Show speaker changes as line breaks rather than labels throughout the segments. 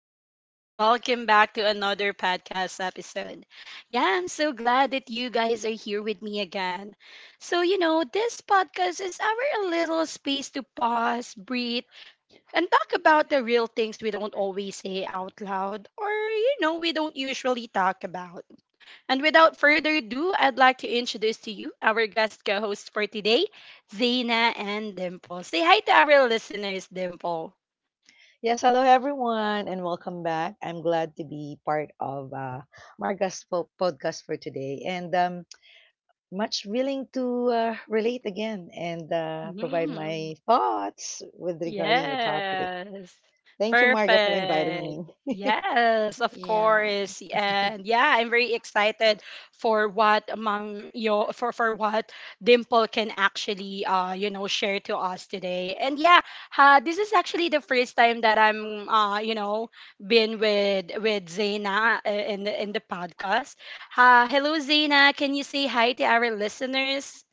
people, and welcome back to another podcast episode. Yeah, I'm so glad that you guys are here with me again. So, you know, this podcast is our little space to pause, breathe, and talk about the real things we don't always say out loud or, you know, we don't usually talk about. And without further ado, I'd like to introduce to you our guest co host for today, Zaina and Dimple. Say hi to our listeners, Dimple.
Yes, hello everyone, and welcome back. I'm glad to be part of Marga's podcast for today, and much willing to relate again and provide
Mhm.
my thoughts with regarding your topic.
Yes.
Thank you, Marga, for inviting
Perfect.
me.
Yes, of
Yeah.
course. And yeah, I'm very excited for what Mom Yo for what Dimple can actually you know share to us today. And yeah, this is actually the first time that I'm you know been with Zaina in the podcast. Hello Zaina, can you say hi to our listeners?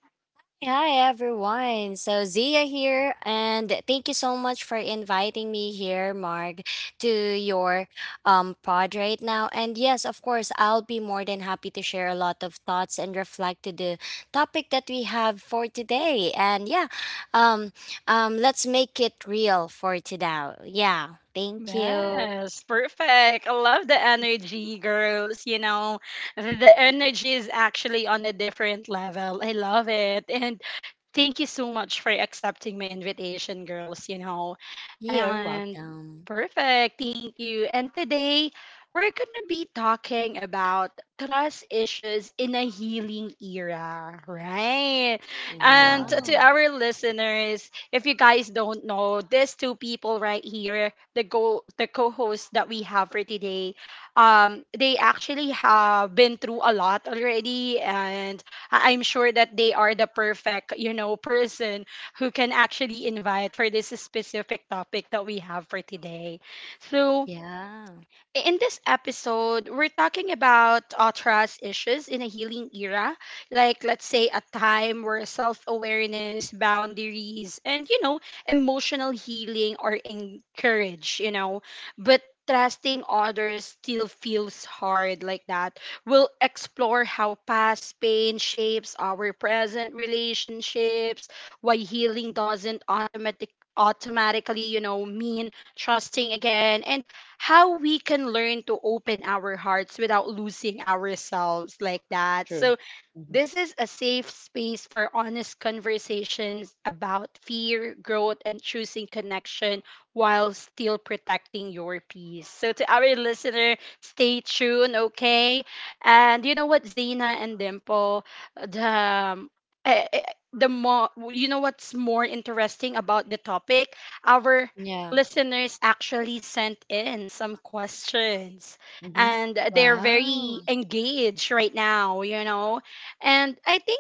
Hi, everyone. So, Zia here, and thank you so much for inviting me here, Marg, to your pod right now. And yes, of course, I'll be more than happy to share a lot of thoughts and reflect to the topic that we have for today. And yeah, um, let's make it real for today. Yeah. Thank you.
Yes, perfect. I love the energy, girls. You know, the energy is actually on a different level. I love it. And thank you so much for accepting my invitation, girls. You know,
You're
and
welcome.
perfect. Thank you. And today we're going to be talking about trust issues in a healing era, right? And to
Wow,
Wow.
our listeners, if you guys don't know, these two people right here the go the co-hosts that we have for today, they actually have been through a lot already, and I'm sure that they are the perfect, you know, person who can actually invite for this specific topic that we have for today. So
Yeah.
in this episode, we're talking about trust issues in a healing era, like let's say a time where self awareness, boundaries, and you know, emotional healing are encouraged, you know, but trusting others still feels hard like that. We'll explore how past pain shapes our present relationships, why healing doesn't automatic automatically, you know, mean trusting again, and how we can learn to open our hearts without losing ourselves like that.
true.
So
Mhm,
this is a safe space for honest conversations about fear, growth, and choosing connection while still protecting your peace. So, to our listener, stay tuned, okay? And you know what, Zena and Dimple, the um, eh, eh, the more you know what's more interesting about the topic, our
Yeah.
listeners actually sent in some questions
mhm,
and they're very
Wow.
engaged right now, you know, and I think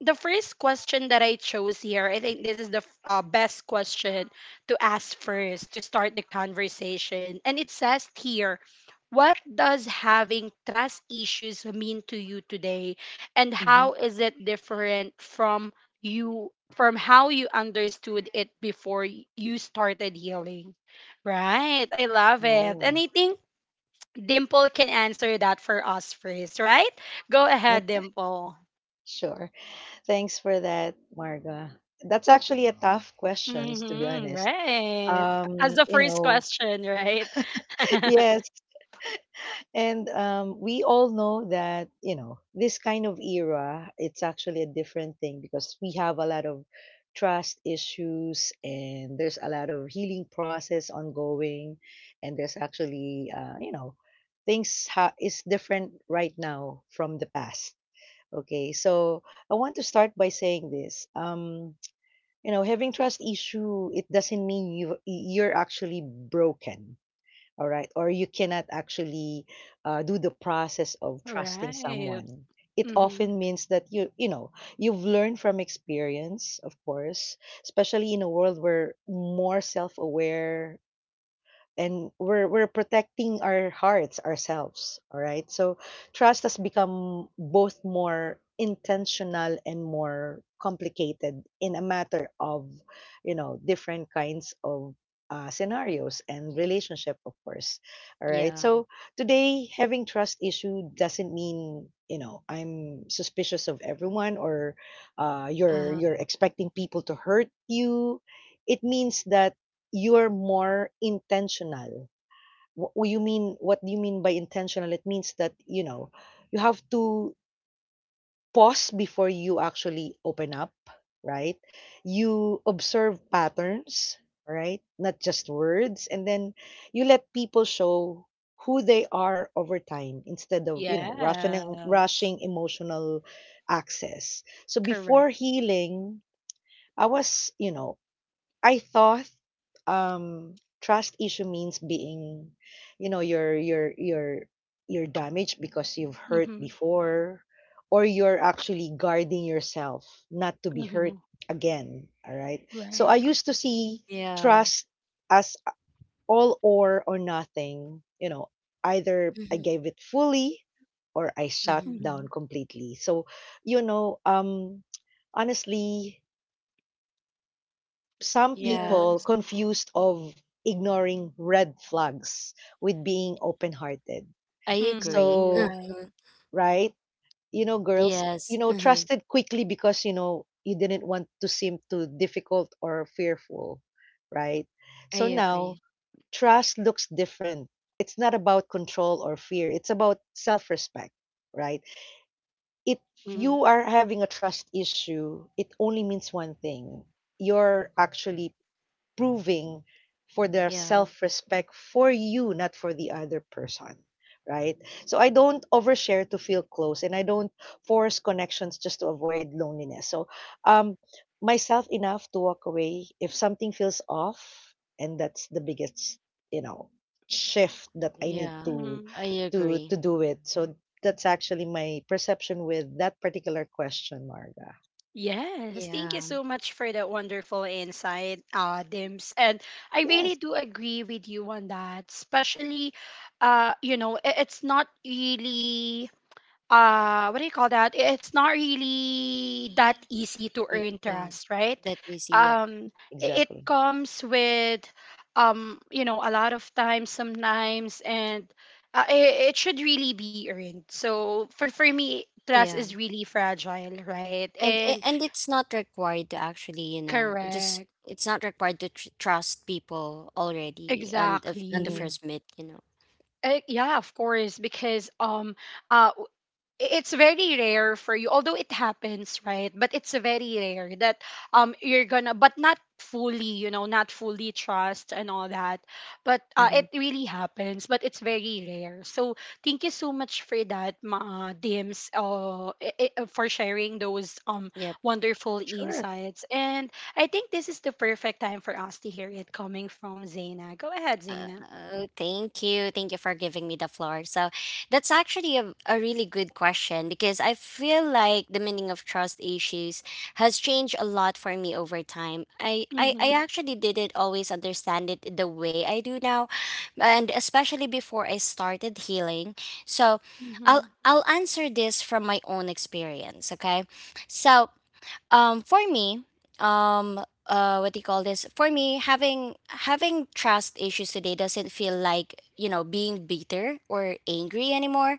the first question that I chose here, I think this is the best question to ask first to start the conversation. And it says here, what does having trust issues mean to you today? And
mhm.
how is it different from you from how you understood it before you started healing? Right. I love it. And
Oh,
I think Dimple can answer that for us first, right? Go ahead,
yeah,
Dimple.
sure. Thanks for that, Marga. That's actually a tough question, to be
Mm-hmm,
honest.
right. As
Um,
the
you
first
know,
question, right?
yes, and we all know that, this kind of era, it's actually a different thing because we have a lot of trust issues and there's a lot of healing process ongoing. And there's actually, things is different right now from the past. Okay, so I want to start by saying this. Having trust issue, it doesn't mean you're actually broken, all right, or you cannot actually do the process of trusting
Right.
someone. It
Mm-hmm.
often means that you've learned from experience, of course, especially in a world where more self-aware, and we're protecting our hearts ourselves, all right? So trust has become both more intentional and more complicated in a matter of different kinds of scenarios and relationship, of course. All right,
Yeah.
so today having trust issue doesn't mean, I'm suspicious of everyone, or you're
Uh-huh.
you're expecting people to hurt you. It means that you're more intentional. What do you mean by intentional? It means that, you know, you have to pause before you actually open up, right? You observe patterns, right? Not just words, and then you let people show who they are over time instead of, rushing
Yes.
rushing emotional access. So before
Correct.
healing, I was, you know, I thought trust issue means being, you know you're you're you're you're damaged because you've hurt
Mm-hmm.
before, or you're actually guarding yourself not to be hurt
Mm-hmm.
again. All right, so
Right.
i used to see
Yeah.
trust as all, or nothing, you know, either I
Mhm.
gave it fully or I shut
Mhm.
Mm-hmm.
down completely. So you know um honestly, some
Yeah.
people
Yes.
confused of ignoring red flags with being open-hearted.
I
Mm-hmm.
agree.
So,
Right.
right? You know, girls,
Yes. Mhm.
trusted quickly because, you didn't want to seem too difficult or fearful, right? So
I
now,
agree.
trust looks different. It's not about control or fear. It's about self-respect, right? If
Mm-hmm.
you are having a trust issue, it only means one thing. You're actually proving for their
Yeah.
self-respect for you, not for the other person, right? So I don't overshare to feel close, and I don't force connections just to avoid loneliness. So, um, myself enough to walk away if something feels off, and that's the biggest, you know, shift that I need
Yeah.
to
Mm-hmm.
I agree.
do it. So that's actually my perception with that particular question, Marga.
Yes. Thank you
Yeah.
so much for that wonderful insight, Dims. And I really
Yes,
do agree with you on that, especially, you know, it's not really what do you call that, it's not really that easy to earn
Yeah.
trust, right?
That is yep.
um it
exactly.
comes with, um, you know, a lot of times sometimes, and it, it should really be earned, so for me trust
Yeah.
is really fragile, right?
And a-
And
and it's not required to actually, you know, just
correct,
it's not required to trust people already and on the
exactly.
Mm-hmm.
first meet, you know.
Yeah, of course, because uh, it's very rare for you, although it happens right, but it's very rare that you're gonna but not fully, you know, not fully trust and all that, but
Mm-hmm.
it really happens but it's very rare. So thank you so much for that ma Dims, for sharing those
Yep.
wonderful
Sure.
insights. And I think this is the perfect time for us to hear it coming from Zaina. Go ahead,
Uh,
Zaina.
oh, thank you. Thank you for giving me the floor. So, that's actually a really good question because I feel like the meaning of trust issues has changed a lot for me over time. I
Mm-hmm.
actually didn't always understand it the way I do now, and especially before I started healing. So,
Mm-hmm.
I'll answer this from my own experience, okay? So, for me, um, what do you call this? For me, having trust issues today doesn't feel like, you know, being bitter or angry anymore,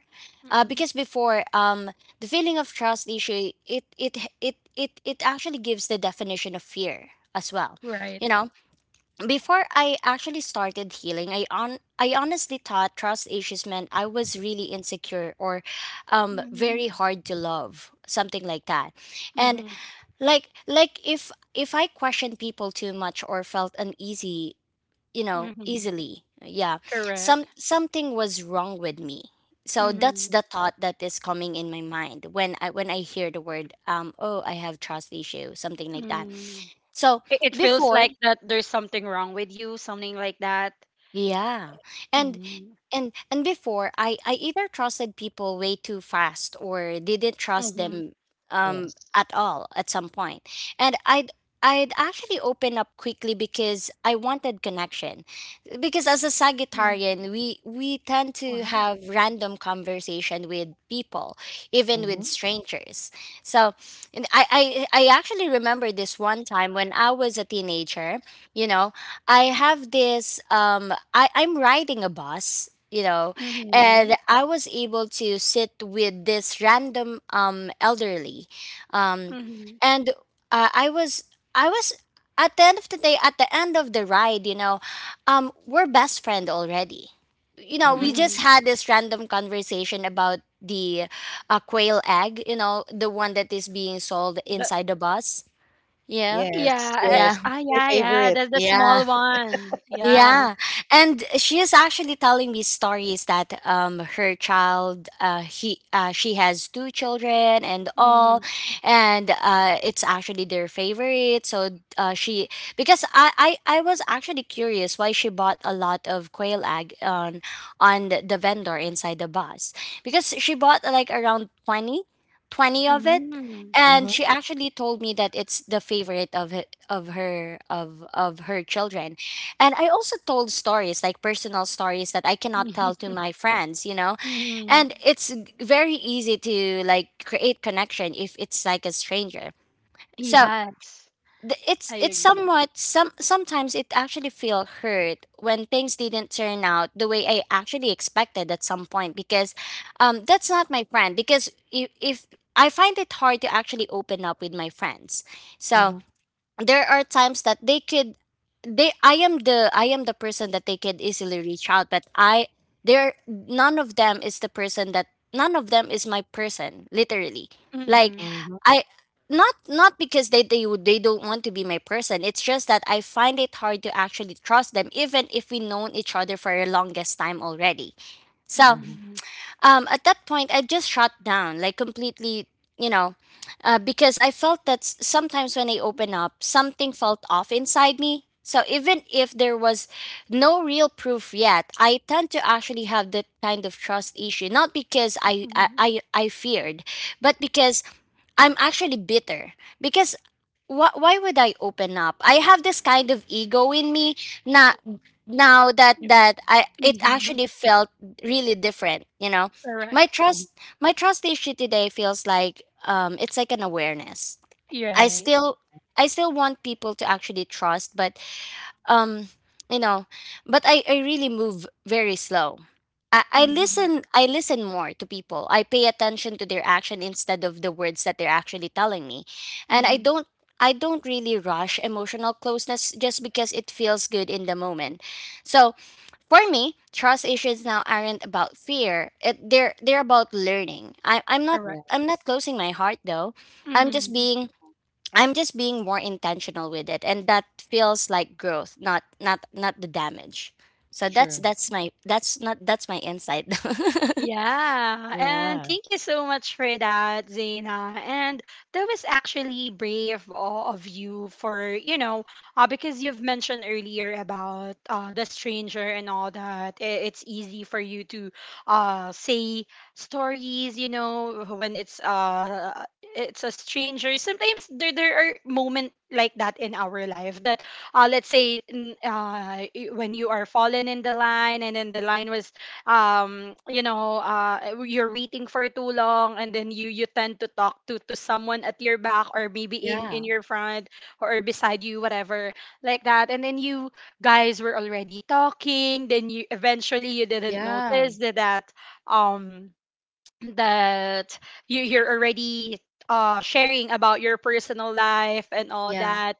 Mm-hmm.
because before, the feeling of trust issue it actually gives the definition of fear as well.
Right.
You know, before I actually started healing, I honestly thought trust issues meant I was really insecure or very hard to love, something like that. And
Mm-hmm.
if I questioned people too much or felt uneasy, you know,
Mm-hmm.
easily, yeah, some
Correct.
something was wrong with me, so that's
Mm-hmm.
the thought that is coming in my mind when I hear the word, oh, I have trust issue, something like that.
Mm.
So
It feels
before,
like that there's something wrong with you, something like that.
yeah, and
Mm-hmm.
and before I either trusted people way too fast or didn't trust
Mm-hmm.
them
Yes.
at all at some point. And I'd actually open up quickly because I wanted connection. Because as a Sagittarian, we tend to
Wow.
have random conversation with people, even with
Mhm,
strangers. So, and I actually remember this one time when I was a teenager, you know, I have this I'm riding a bus, you know,
Mm-hmm.
and I was able to sit with this random elderly. Um
Mm-hmm.
and uh, I was I was at the end of the day, at the end of the ride, you know, we're best friend already. You know, we
mhm.
just
Mm-hmm.
had this random conversation about the quail egg, you know, the one that is being sold
The,
inside the bus. Yeah.
Yes,
yeah.
Yeah.
yes, that's my
Yeah, yeah.
favorite.
That's the
Yeah.
small one. Yeah.
Yeah, and she is actually telling me stories that her child, he she has two children and all,
Mm-hmm.
and uh, it's actually their favorite. So she, because I was actually curious why she bought a lot of quail egg on the vendor inside the bus, because she bought like around 20, 20 it.
Mm.
And she
Mhm,
actually told me that it's the favorite of her, of her children. And I also told stories, like personal stories that I cannot tell to
Mm-hmm.
my friends, you know?
Mm-hmm.
And it's very easy to like create connection if it's like a stranger. So
mm,
Yes. I
it's
agree.
somewhat, sometimes it actually feel hurt when things didn't turn out the way I actually expected at some point, because that's not my friend, because if I find it hard to actually open up with my friends. So
mhm,
there are times that they could they I am the person that they could easily reach out but i, there none of them is the person that none of them is my person literally. Like,
Mm-hmm.
mhm,
i, not because they would, they don't want to be my person, it's just that I find it hard to actually trust them even if we known each other for the longest time already. So,
mhm,
Mm-hmm.
at that point I just shut down like completely, you know, because I felt that sometimes when I open up something felt off inside me, so even if there was no real proof yet I tend to actually have that kind of trust issue, not because
Mm-hmm.
I feared, but because I'm actually bitter, because why would I open up? I have this kind of ego in me na now, that
Yep.
I, it
Mm-hmm.
actually felt really different, you know. My
Correct.
mhm.
trust my trust issue today feels like, it's like an awareness.
You're
I
right.
still I still want people to actually trust, but um you know, but i really move very slow.
Mm-hmm.
I listen more to people, I pay attention to their action instead of the words that they're actually telling me, and
Mm-hmm.
I don't really rush emotional closeness just because it feels good in the moment. So, for me, trust issues now aren't about fear, they're about learning.
Yeah,
Correct.
I'm not closing my heart though, i'm
Mm-hmm.
just being I'm just being more intentional with it, and that feels like growth, not the damage. So
true.
that's my that's not that's my insight.
Yeah, and
Yeah.
thank you so much for that, Zaina. And that was actually brave all of you for, you know, because you've mentioned earlier about the stranger and all that. It's easy for you to say stories, you know, when it's a stranger. Sometimes there there are moments like that in our life that, let's say when you are fallen in the line and then the line was you know you're waiting for too long and then you tend to talk to someone at your back or maybe
Yeah.
in your front or beside you whatever like that, and then you guys were already talking then you eventually you didn't
Yeah,
notice that that, um that you you're already sharing about your personal life and all
yeah,
that.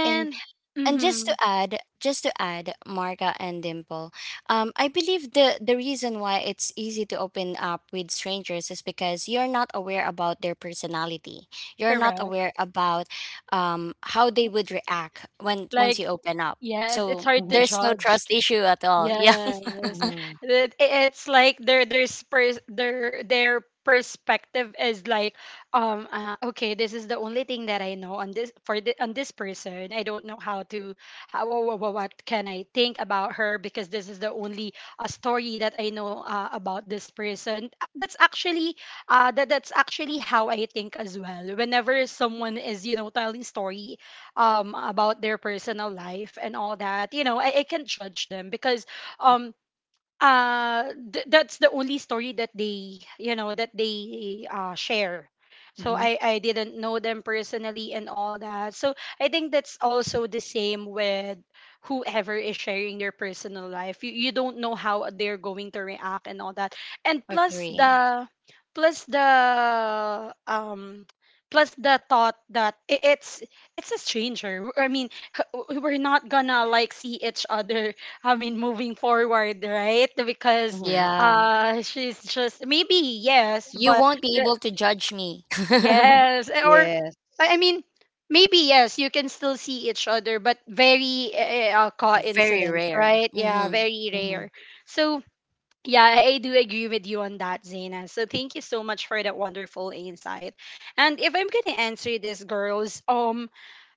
and. And
mhm,
just to add, Marga and Dimple, I believe the reason why it's easy to open up with strangers is because you're not aware about their personality, you're not
correct,
aware about, how they would react when once you
like
open up,
yes, it's
so
hard to
Mhm,
there's no
judge.
trust issue at all. Yeah.
Yes.
mhm,
It, it's like their there's their perspective is like okay, this is the only thing that I know on this for the, on this person, I don't know how to what can I think about her, because this is the only story that I know about this person. That's actually that that's actually how I think as well whenever someone is, you know, telling story about their personal life and all that, you know, I can judge them because um that's the only story that they, you know, that they share, so
mhm,
I didn't know them personally and all that. So I think that's also the same with whoever is sharing their personal life, you don't know how they're going to react and all that. And
Agree.
plus the um plus the thought that it's a stranger, I mean, we're not gonna like see each other, I mean, moving forward, right? Because
mhm.
Yeah,
she's just maybe, yes,
you
but
won't be
the,
able to judge me.
yes, eh, or
Yes.
I mean, maybe yes, you can still see each other, but very
Very
coincidence,
rare.
right? Yeah,
Hmm.
very
Mhm.
rare. So yeah, I do agree with you on that, Zaina. So thank you so much for that wonderful insight. And if I'm gonna answer this, girls,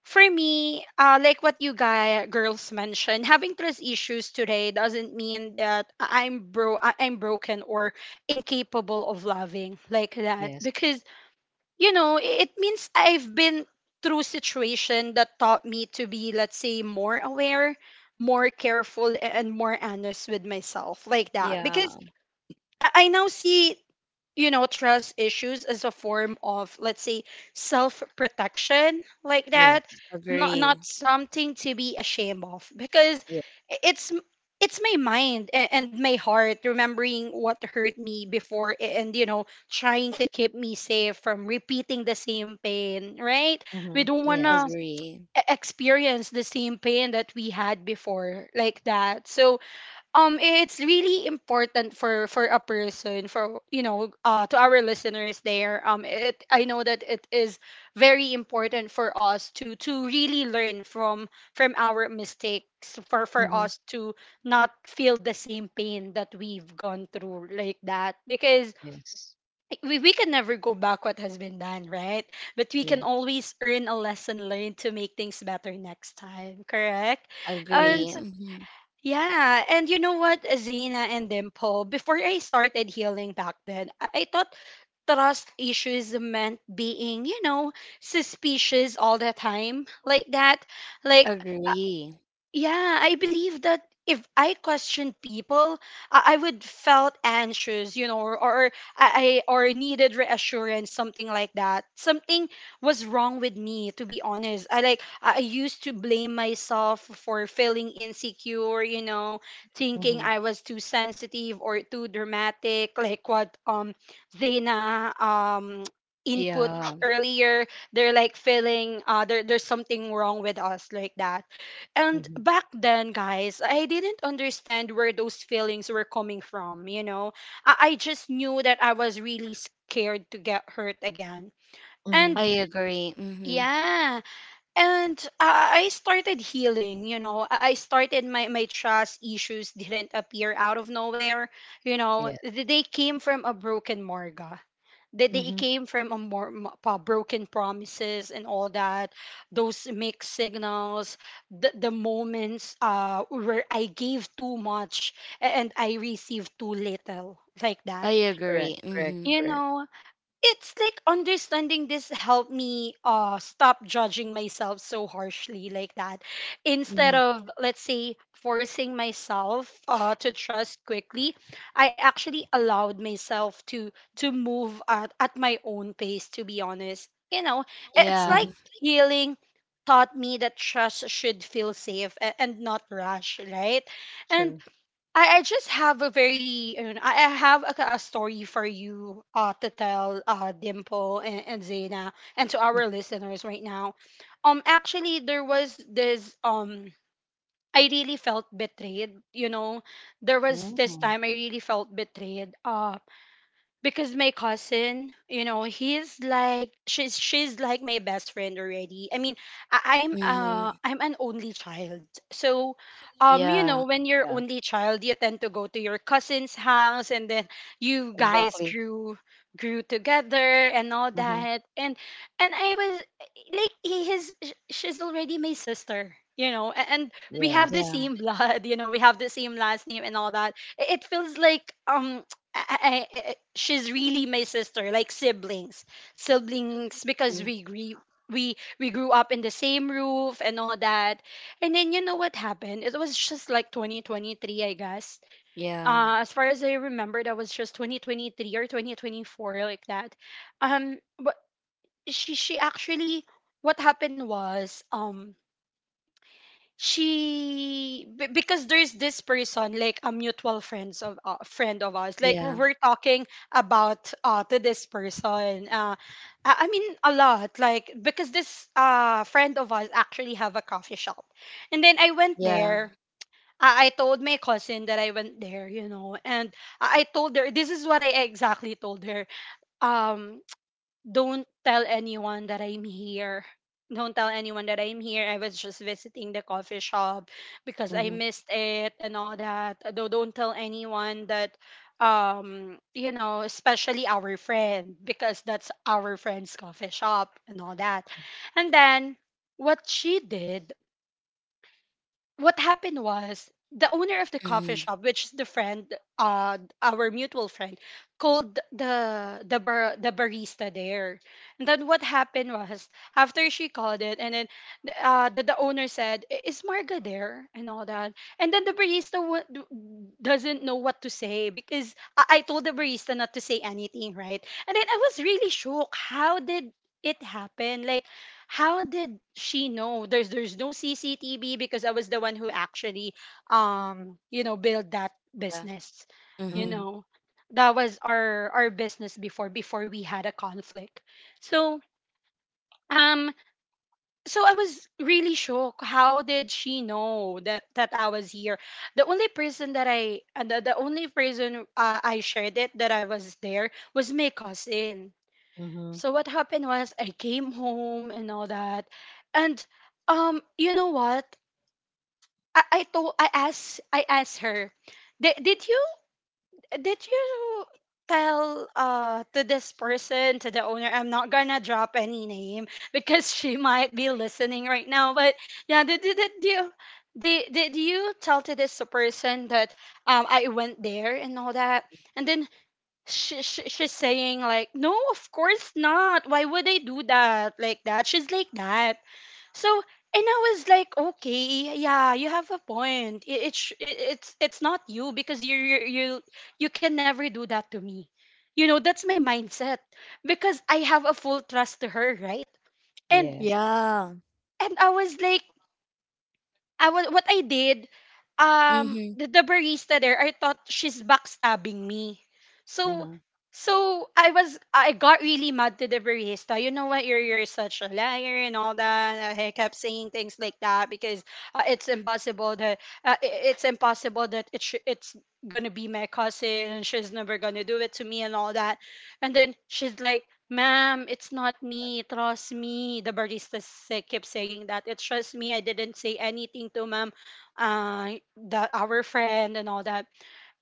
for me, like what you guys girls mentioned, having trust issues today doesn't mean that I'm broken or incapable of loving like that.
Yes,
Because you know, it means I've been through situation that taught me to be, let's say, more aware, more careful and more honest with myself like that.
Yeah.
Because I now see, you know, trust issues as a form of, let's say, self protection, like that.
yes,
Not
Agree.
not something to be ashamed of, because
yes.
i- it's m- it's my mind and my heart remembering what hurt me before, and you know trying to keep me safe from repeating the same pain, right? We
Mhm.
don't want to
Yes.
agree
experience the same pain that we had before like that. So it's really important for a person for, you know, to our listeners there, it, I know that it is very important for us to really learn from our mistakes for
Mhm.
us to not feel the same pain that we've gone through like that, because
Yes.
we can never go back what has been done, right? But we can
Yes.
always earn a lesson learned to make things better next time, correct?
agree
And
Yes.
yeah, and you know what, Zena and Dimple, before I started healing back then, I thought trust issues meant being, you know, suspicious all the time, like that. Like,
Agree.
yeah, I believe that if I questioned people, I would felt anxious, you know, or or needed reassurance, something like that. Something was wrong with me, to be honest. I like I used to blame myself for feeling insecure, you know, thinking
Mhm,
I was too sensitive or too dramatic, like what Zena input
Yeah,
earlier. They're like feeling there's something wrong with us, like that. And
mhm,
back then, guys, I didn't understand where those feelings were coming from, you know. I just knew that I was really scared to get hurt again,
mhm.
I
and
agree. Mhm. Yeah.
yeah. And I started healing, you know. I started my, trust issues didn't appear out of nowhere, you know.
Yes.
They came from a broken morga, that they
Mhm.
came from a broken promises and all that, those mixed signals, the moments where I gave too much and I received too little, like
I
that,
Correct,
agree.
correct,
Mhm.
you
correct.
know. It's like understanding this helped me stop judging myself so harshly, like that. Instead
Mhm,
of, let's say, forcing myself to trust quickly, I actually allowed myself to move at my own pace, to be honest, you know. It's
Yeah.
like
mhm.
healing taught me that trust should feel safe and not rush, right? And
True.
I just have a very, you know, I have a story for you to tell Dimple and Zena and to
Mm,
our listeners right now. Actually, there was this um, I really felt betrayed, you know. There was this
mhm.
time I really felt betrayed. Uh, because my cousin, you know, he's like she's like my best friend already. I mean, I, i'm uh
Mhm.
i'm an only child. So um, you
Yeah.
know, when you're
Yeah,
only child, you tend to go to your cousin's house and then you guys
exactly.
grew grew together and all
Mhm.
that. And I was like, she's already my sister, you know, and we have the
Yes.
Yeah.
same blood. You know, we have the same last name and all that. It feels like um, she's really my sister, like siblings, siblings, because
Mm.
we grew up in the same roof and all that. And then, you know what happened? It was just like 2023, I guess.
Yeah.
As far as I remember, that was just 2023 or 2024, like that. But she actually, what happened was um, because there's this person, like a mutual friends of friend of ours, like we're
Yeah.
we're talking about to this person, I mean a lot, like, because this friend of ours actually have a coffee shop, and then I went
Yeah.
there. I told my cousin that I went there, you know, and I told her, this is what I exactly told her. Um, don't tell anyone that I'm here. Don't tell anyone that I'm here. I was just visiting the coffee shop because I
Mhm,
missed it and all that. Though don't tell anyone that um, you know, especially our friend, because that's our friend's coffee shop and all that. And then what she did, what happened was, the owner of the coffee
Mhm.
shop, which is the friend, our mutual friend, called the barista there. And then what happened was, after she called it, and then the owner said, "Is Marga there?" and all that. And then the barista doesn't know what to say because I told the barista not to say anything, right? And then I was really shocked. How did it happen? Like, how did she know? There's no CCTV, because I was the one who actually um, you know, built that
Yeah.
business. You
Mhm.
mhm,
know, that was our business before we had a conflict. So um, so I was really shocked, how did she know that I was here? The only person that I, and the only person I shared it that I was there, was my cousin.
mhm.
So what happened was, I came home and all that, and you know what? I asked her, did did you did you tell to this person, to the owner? I'm not gonna drop any name because she might be listening right now. But yeah, did you? Did you tell to this person that I went there and all that? And then she's saying like, no, of course not, why would I do that, like that, she's like that. So and I was like, okay, yeah, you have a point. It's not you, because you you can never do that to me, you know. That's my mindset, because I have a full trust to her, right? and
Yes.
Yeah.
and I was like, what I did,
Mhm.
the barista there, I thought she's backstabbing me. So,
Mhm,
so I was, I got really mad to the barista. You know what? You're such a liar and all that. I kept saying things like that, because it's impossible that it's impossible that it's gonna be my cousin. She's never gonna do it to me and all that. And then she's like, ma'am, it's not me. Trust me. The barista say, kept saying that. It's just me. I didn't say anything to ma'am, that our friend and all that.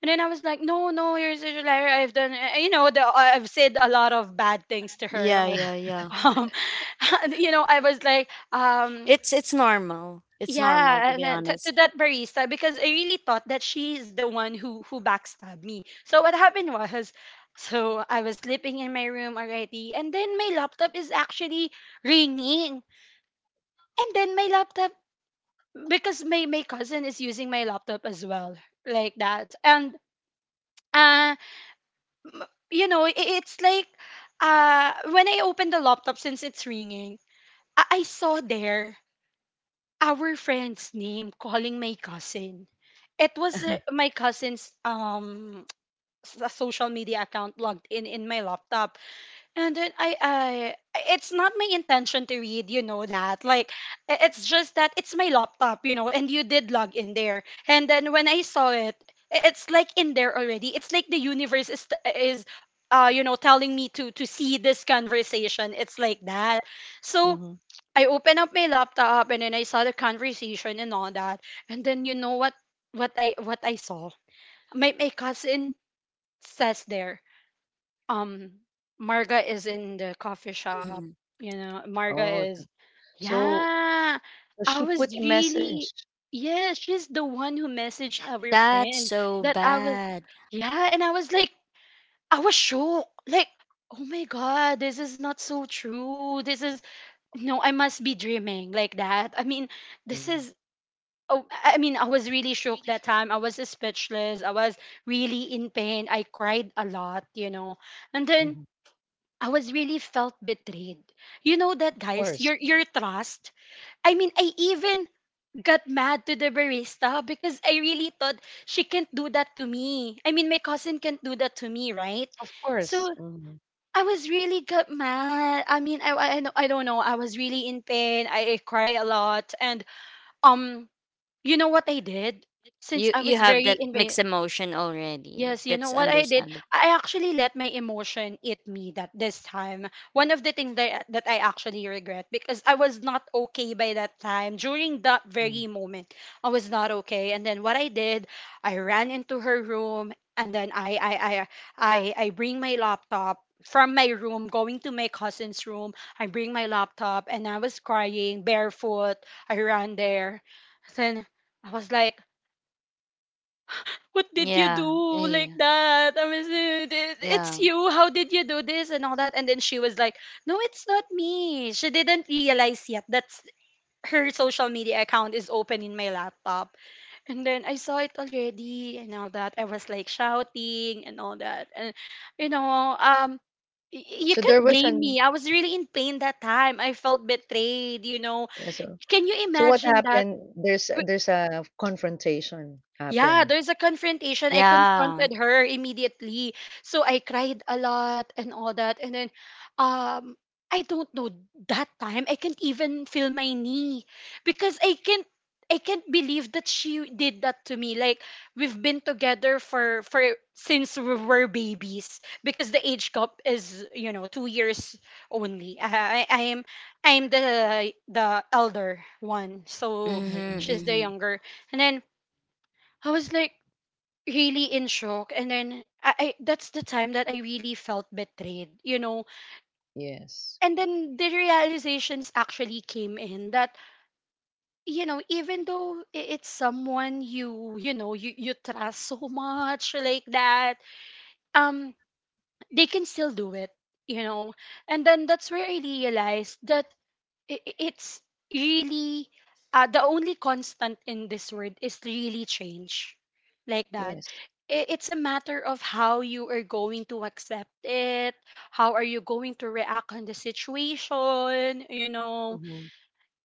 And then I was like, no, no, you're such a liar. I've done, you know, the, I've said a lot of bad things to her.
Yeah,
Like,
yeah, yeah.
um, you know, I was like,
It's normal. It's normal,
yeah,
to
and
be
then to
honest.
that barista, because I really thought that she's the one who backstabbed me. So what happened was, so I was sleeping in my room already, and then my laptop is actually ringing, and then my laptop, because my cousin is using my laptop as well, like that. And uh, m- you know, I it's like uh, when I opened the laptop, since it's ringing, I saw there our friend's name calling my cousin. It was my cousin's um, social media account logged in my laptop. And then I, it's not my intention to read, you know that. Like, it's just that it's my laptop, you know, and you did log in there. And then when I saw it, it's like in there already. It's like the universe is uh, you know, telling me to see this conversation. It's like that. So
mhm.
I opened up my laptop, and then I saw the conversation and all that. And then you know what what I saw? My cousin says there, um, Marga is in the coffee shop,
Mhm.
you know,
Oh,
Marga is,
so
yeah.
so
I
she
was
put a
really,
message.
yes, she's the one who messaged our
That's
friend
so
that I was,
bad.
yeah. And I was like, I was shocked. Like, oh my god, this is not so true. This is, no, I must be dreaming, like that. I mean, this
Mm,
is. Oh, I mean, I was really shook that time. I was speechless. I was really in pain. I cried a lot, you know. And then
mhm.
I was really felt betrayed. You know
Of
that, guys.
course.
Your trust. I mean, I even got mad to the barista because I really thought she can't do that to me. I mean, my cousin can't do that to me, right?
Of course.
So
Mhm,
I was really got mad. I mean, I don't know. I was really in pain. I cried a lot, and um, you know what I did? Since
You
I
you
was
have
very
that
in pain,
mixed emotion already.
yes, you know
That's
what I did?
understandable.
I actually let my emotion eat me that this time. One of the things that, I actually regret, because I was not okay by that time. During that
mm.
very moment, I was not okay. And then what I did, I ran into her room, and then I bring my laptop from my room going to my cousin's room. I bring my laptop and I was crying barefoot. I ran there. Then I was like, what did you do,
Yeah.
like
Yeah.
that? I was, it's
Yeah.
you. How did you do this and all that? And then she was like, no, it's not me. She didn't realize yet that her social media account is open in my laptop. And then I saw it already and all that. I was like shouting and all that. And, you know, y- you
So
can't
there was
blame
an
me. I was really in pain that time. I felt betrayed, you know.
Yeah, so
Can you
so what
imagine that?
happened? There's a confrontation
Yeah,
happened.
there's a confrontation. I
Yeah.
confronted her immediately. So I cried a lot and all that. And then um, I don't know, that time I can't even feel my knee because I can't believe that she did that to me. Like, we've been together for since we were babies, because the age gap is, you know, 2 years only. I am I am the the elder one. So
Mhm.
Mhm.
she's the
Mhm.
younger. And then I was like really in shock, and then I that's the time that I really felt betrayed, you know.
Yes.
And then the realizations actually came in that, you know, even though it's someone you you know, you trust so much, like that, um, they can still do it, you know. And then that's where I realized that it's really the only constant in this world is really change, like that.
Yes.
It's a matter of how you are going to accept it, how are you going to react on the situation, you know.
Mhm.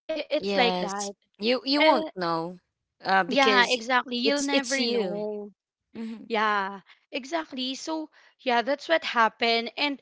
It's like that.
Yes, you
Eh,
won't know,
yeah,
because
exactly, you'll
it's
never
you.
know.
Hmm.
Yeah, exactly. So yeah, that's what happened. And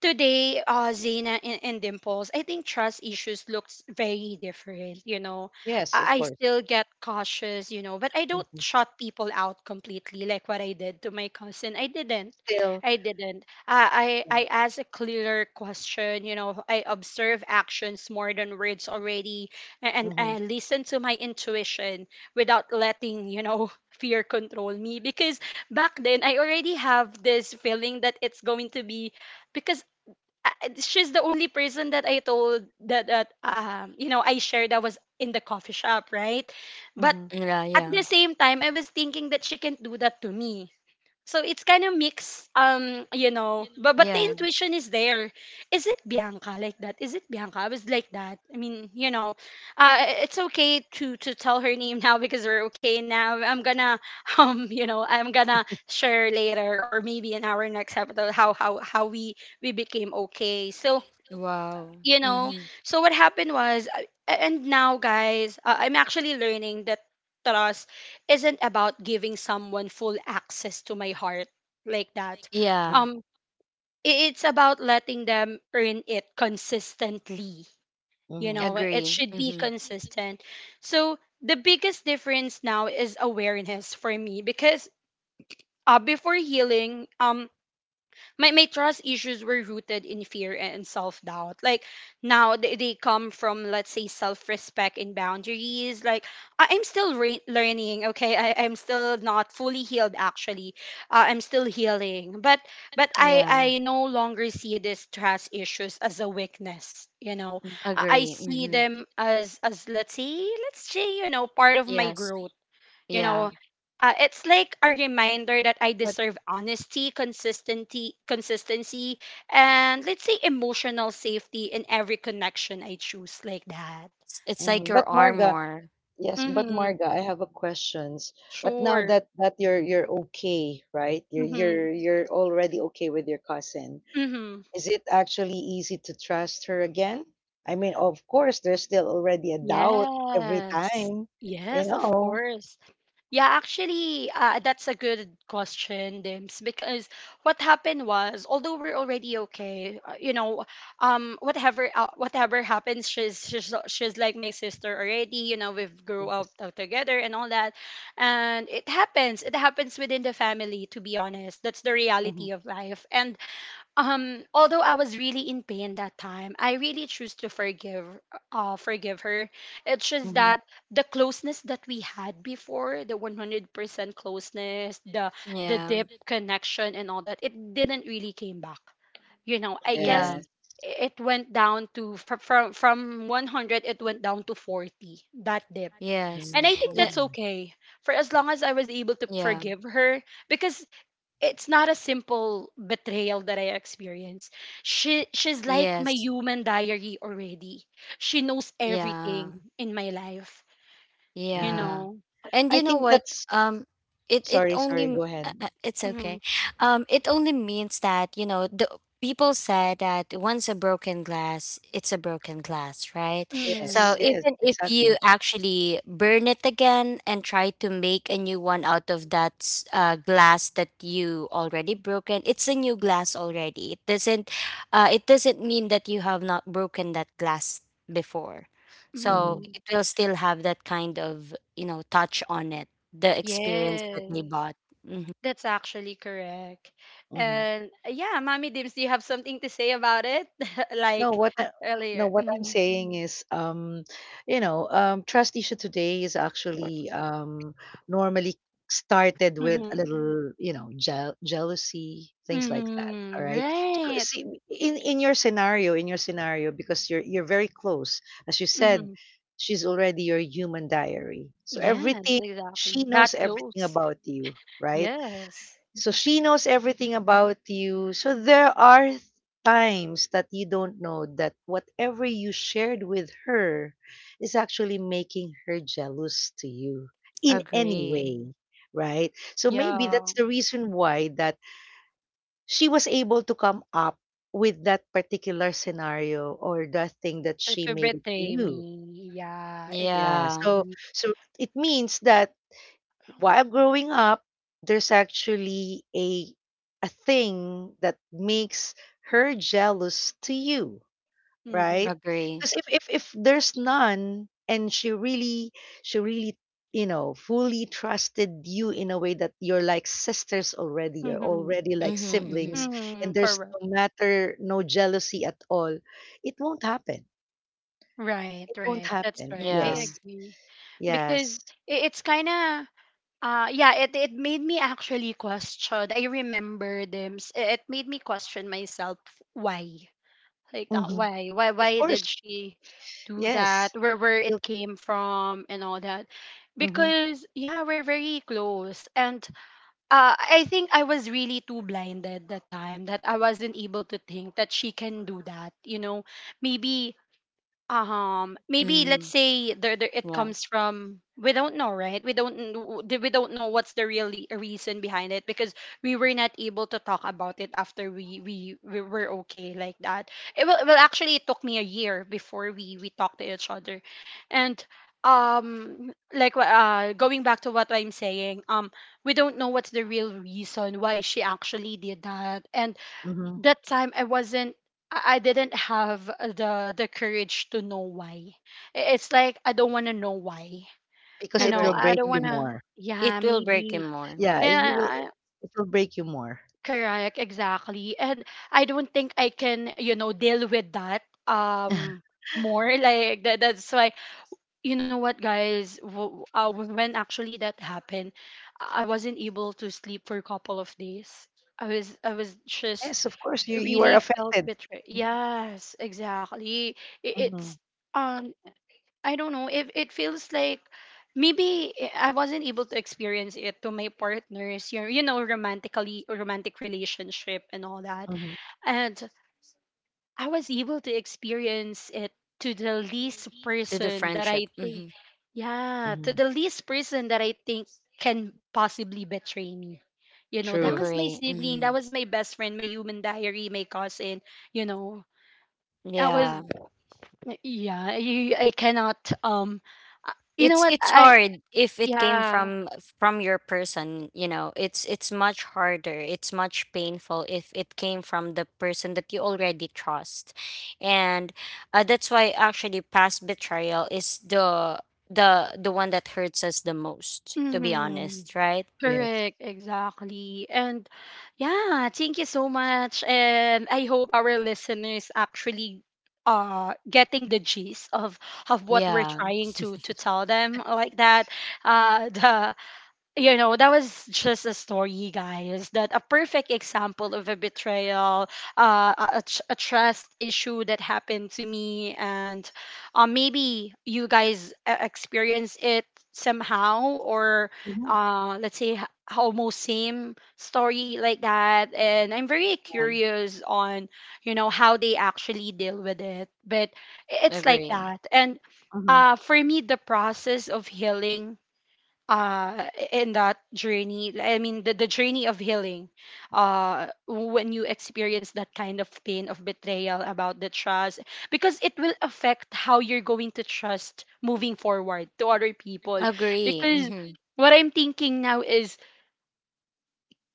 today, Zaina and Dimples, I think trust issues looks very different. You know,
Yes,
I,
of
I
course.
still get cautious, you know, but I don't
Mhm.
shut people out completely like what I did to my cousin. I didn't.
Still
I didn't. Uh, I,
mm,
I asked a clearer question, you know. I observe actions more than words already, and
mhm,
I listen to my intuition without letting, fear control me, because back then I already have this feeling that it's going to be, because she's the only person that I told that, I shared that was in the coffee shop, right? But
mhm,
Yeah,
at the
yeah,
same time, I was thinking that she can not do that to me, so it's kind of mixed, you know, but the
yeah.
intuition is there. Is it Bianca, like that? Is it Bianca? I was like that. I mean, you know, uh, it's okay to tell her name now because we're okay now. I'm gonna, I'm gonna share later or maybe in our next episode how we became okay. So
Wow.
you know.
Hmm.
So what happened was, and now guys, I'm actually learning that trust isn't about giving someone full access to my heart, like that.
mm,
Yeah,
um it's about letting them earn it consistently, you
mhm.
know. It
agree.
should be
Hmm.
consistent. So the biggest difference now is awareness for me, because before healing, my trust issues were rooted in fear and self-doubt, like now they come from, let's say, self-respect and boundaries, like. I'm still learning, okay, I'm still not fully healed, actually. I'm still healing, but but i
Yeah,
i no longer see these trust issues as a weakness, you know. I
agree.
see
Hmm.
them as, let's say, you know, part of my
Yes,
growth, you
yeah.
know. It's like a reminder that I
But
deserve honesty, consistency, consistency, and, let's say, emotional safety in every connection I choose, like that.
It's like
mhm, but
your
Marga,
armor.
yes, but
Mm-hmm.
Marga, I have a questions. But now
Sure.
that you're okay, right? You're
Mm-hmm.
you're you're already okay with your cousin.
Mm-hmm.
Is it actually easy to trust her again? I mean, of course, there's still already a doubt every
Yes.
time, you
Yes, of
know.
course. Yeah, actually, that's a good question, Dims, because what happened was, although we're already okay, you know, whatever happens, she's like my sister already. You know, we've grew up
Yes.
together and all that, and it happens. It happens within the family. To be honest, that's the
Mhm,
reality of life. And although I was really in pain that time, I really choose to forgive, forgive her. It's just
mhm.
that the closeness that we had before, the 100% closeness, the the
Yeah,
deep connection and all that, it didn't really came back, you know, I guess.
yeah,
Yes.
It went down to from 100. It went down to 40, that dip.
yes.
And I think
Uh,
that's
Mm,
okay, for as long as I was able to
yeah,
forgive her, because it's not a simple betrayal that I experienced. She's like my
yes,
human diary already. She knows
yeah.
everything in my life, you
mhm.
Yeah.
know.
And
I
you know
think
what?
that's
Um
Sorry, sorry, go ahead.
it's
Mhm.
okay. It only means that, you know, the people said that once a broken glass, it's a broken glass, right?
Yes,
So
Mhm.
yes,
even if you
exactly.
actually burn it again and try to make a new one out of that glass that you already broken, it's a new glass already. It doesn't, it doesn't mean that you have not broken that glass before.
Hmm.
So
Mhm.
it will still have that kind of, you know, touch on it, the experience that they
Yes.
bought. Hmm.
That's actually correct.
Hmm.
And yeah, Mommy Dims, do you have something to say about it?
No,
Like
what I, no,
earlier.
what I'm
Mhm.
saying is, trust issue today is actually normally started with a
Mhm.
little, jealousy, things like that. All
Mhm.
right. So
Right.
see, in your scenario, because you're very close, as you said,
Mhm.
she's already your human diary. So
Yes,
everything she
exactly. That
knows everything
close.
about you, right?
Yes.
So she knows everything about you. So there are times that you don't know that whatever you shared with her is actually making her jealous to you in any
Agree.
way, right? So maybe
Yeah,
that's the reason why that she was able to come up with that particular scenario or that thing that
to,
she
to
made it to
betray me.
you.
Yeah,
Yeah.
Yeah,
So
exactly.
so it means that while growing up, there's actually a thing that makes her jealous to you,
Mm-hmm.
right?
agree.
Because if there's none and she really fully trusted you in a way that you're like sisters already, you're
Mm-hmm.
already like
Mm-hmm, mm-hmm.
siblings, and
Mm-hmm.
there's
Correct.
no matter, no jealousy at all, it won't happen
Right,
it won't
right. That's
happen
right.
Yeah.
I
Yes,
agree. Because
yes.
it's kind of, yeah, it made me actually question. I remember them. It made me question myself, why. Like that,
Hmm,
why? Why
of
why
course.
did she do that?
Yes,
Where
you.
it came from and all that. Because yeah, we're very close, and I think I was really too blinded that time that I wasn't able to think that she can do that. You know, maybe, maybe, let's
Mm-hmm,
say, there it
yeah.
comes from, we don't know, right? we don't kn- w- d- We don't know what's the real reason behind it, because we were not able to talk about it after we were okay, like that. It will Well, actually, it took me a year before we talked to each other. And like, going back to what I'm saying, we don't know what's the real reason why she actually did that. And
Mhm.
that time I didn't have the courage to know why. It's like, I don't want to know why.
Because
You
it
know,
will
Agree.
I
break
don't
you
want
Mm-hmm.
to.
more.
It
Yeah,
will break him
maybe.
more
Yeah, you
Yeah,
will
I-
it will break you more.
correct, exactly. And I don't think I can, you know, deal with that, more, like that. That's why, you know what guys, when actually that happened, I wasn't able to sleep for a couple of days. I was just
Yes, of course, you are
really felt
affected.
betrayed. Yes, exactly. I- it's
Mhm.
um I don't know if it feels like, maybe, I wasn't able to experience it to my partners, you know, romantically, romantic relationship and all that.
Mhm.
And I was able to experience it to the least
to the
person that
friendship.
I think,
Mm-hmm.
yeah, to
Mhm.
the least person that I think can possibly betray me. You know, that
True.
was my
Agree.
sibling, that
Mm-hmm.
was my best friend, my human diary, my cousin. You know, I was,
Yeah.
yeah, I cannot, you know what?
It's
I,
hard if it came
yeah,
from your person, you know. It's much harder. It's much painful if it came from the person that you already trust. And that's why actually past betrayal is the one that hurts us the most, to be
mm-hmm.
honest, right?
Yes.
Correct, exactly. And yeah, thank you so much. And I hope our listeners actually getting the gist of what we're
Yeah.
trying to tell them, like that. The, you know, that was just a story, guys, that a perfect example of a betrayal, a trust issue that happened to me. And maybe you guys experience it somehow, or
Mhm.
let's say almost same story, like that. And I'm very
Yeah,
curious on, you know, how they actually deal with it. But it's like
agree.
that. And
Mhm.
for me, the process of healing, uh in that journey, I mean, the journey of healing, when you experience that kind of pain of betrayal about the trust, because it will affect how you're going to trust moving forward to other people,
Agree.
because
Hmm.
what I'm thinking now is,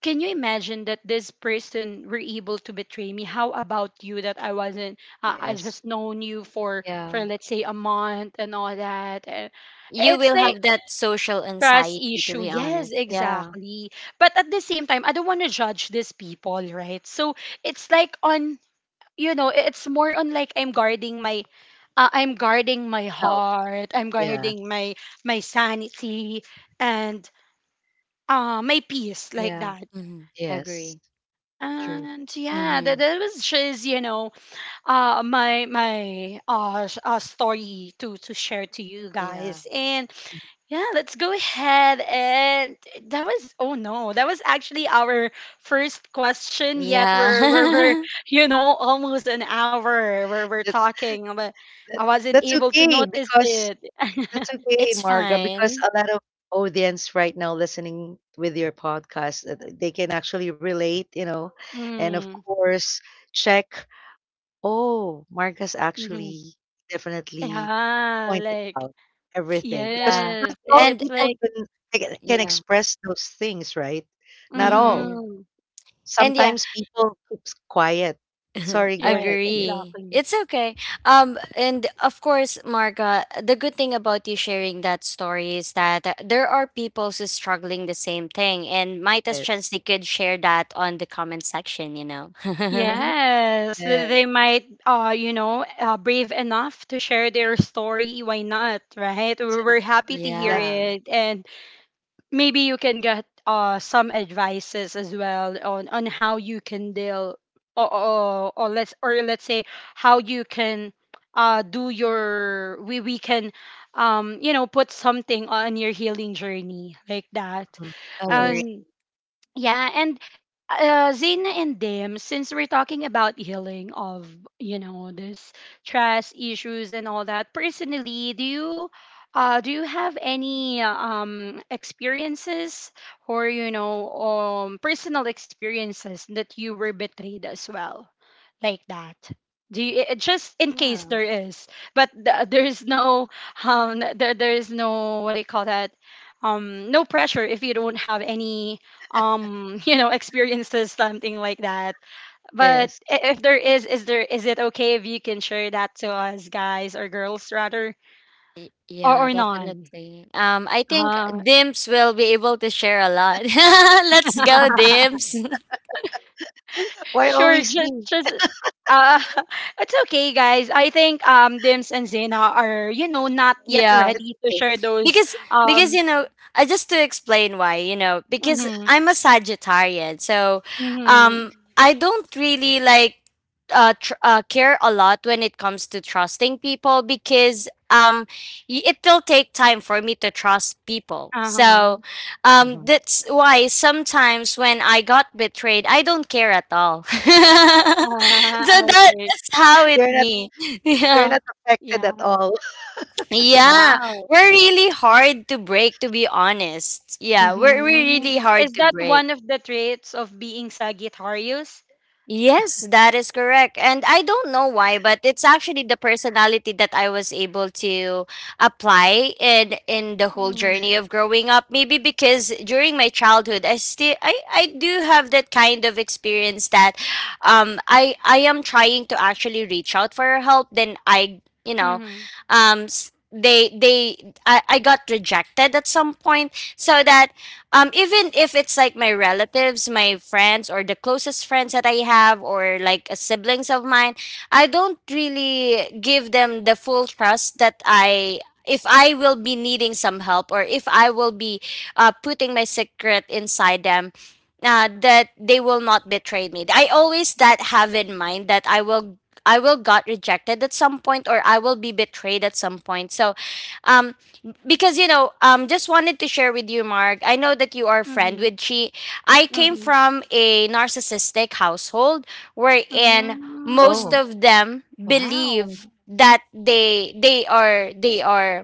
can you imagine that this person were able to betray me? How about you, that I wasn't, I
Yes.
just known you for
Yeah.
let's say a month and all that. And
You
it's
will
like
have that social
trust
anxiety, to
issue.
be
Yes,
honest. Yeah.
exactly. But at the same time, I don't want to judge these people, right? So it's like on, you know, it's more on, like, I'm guarding my. I'm guarding my
Self.
heart. I'm
Yeah.
guarding my sanity and my peace, like
Yeah.
that.
Hmm.
Yes.
Agree.
True.
And yeah, that,
Mm-hmm.
that was just, you know, story to share to you
Yeah.
guys. And yeah, let's go ahead. And that was, oh no, that was actually our first question. Yet we're,
Yeah.
you know, almost an hour where we're
That,
talking, but
that
I wasn't
that's
able to
okay
notice
because
it.
that's okay,
It's
Marga, because
fine.
a lot of audience right now listening with your podcast, they can actually relate, you know. And of
Mm.
course, check. Oh, Marcus
Hmm.
actually definitely
Yeah,
pointed
like,
out everything, because
Yeah.
yes,
not all
it's
people
And
like.
can
yeah.
express those things, right? Not all.
Mm-hmm.
Mm-hmm.
And yeah,
Sometimes people keeps quiet. Sorry, go
Right,
ahead here.
agree.
exactly.
It's okay. And of course, Marga, the good thing about you sharing that story is that, there are people who's struggling the same thing, and might as
Yes.
chance they could share that on the comment section, you know.
Yes,
Yes.
they might, you know, brave enough to share their story. Why not, right?
exa-
We're happy to hear
Yeah.
Exactly.
it, and maybe you can get some advices as well on how you can deal, or let's say how you can do your, we can, you know, put something on your healing journey, like that.
Mhm.
Agree.
Yes.
And yeah. And Zena and Dim, since we're talking about healing of, you know, this trust issues and all that, personally, do you have any experiences, or, you know, personal experiences that you were betrayed as well, like that? Do you, just in
Yeah.
case there is, but there is no, there is no, what do you call that, no pressure if you don't have any, you know, experiences something like that. But
Yes.
if there is there is it okay if you can share that to us guys, or girls rather? or
Yeah,
or none.
definitely. I think
uh,
Dims will be able to share a lot. Let's go, Dims.
Why
sure.
always me?
Just uh it's okay, guys. I think, Dims and Zena are, you know, not yet
Yeah.
It's
ready to
okay.
share those.
because because
um
you know, I just to explain why, you know, because
mm-hmm.
I'm a Sagittarian, so,
Hmm.
I don't really like, care a lot when it comes to trusting people because, y- it will take time for me to trust people,
Uh-huh.
so,
Mhm.
that's why sometimes when I got betrayed I don't care at all. So, that,
Okay.
that's how it
You're not
me.
you're
Yeah.
not affected
Yeah.
at all.
Yeah,
Wow.
we're really hard to break, to be honest. Yeah,
Hmm.
we're really
Mm. Is
hard to
that
break.
one of the traits of being Sagittarius?
Yes, that is correct. And I don't know why, but it's actually the personality that I was able to apply in the whole
Mm-hmm.
journey of growing up. Maybe because during my childhood, I do have that kind of experience that I am trying to actually reach out for help, then I,
Mm-hmm.
I got rejected at some point. So that, even if it's like my relatives, my friends, or the closest friends that I have, or like siblings of mine, I don't really give them the full trust that I, if I will be needing some help or if I will be putting my secret inside them. That they will not betray me. I always that have in mind that I will got rejected at some point or I will be betrayed at some point. So, um, because just wanted to share with you, Mark. I know that you are a friend
Mm-hmm.
with she. I came from a narcissistic household wherein
Mm-hmm.
most
Oh.
of them
Wow.
believe that they they are they are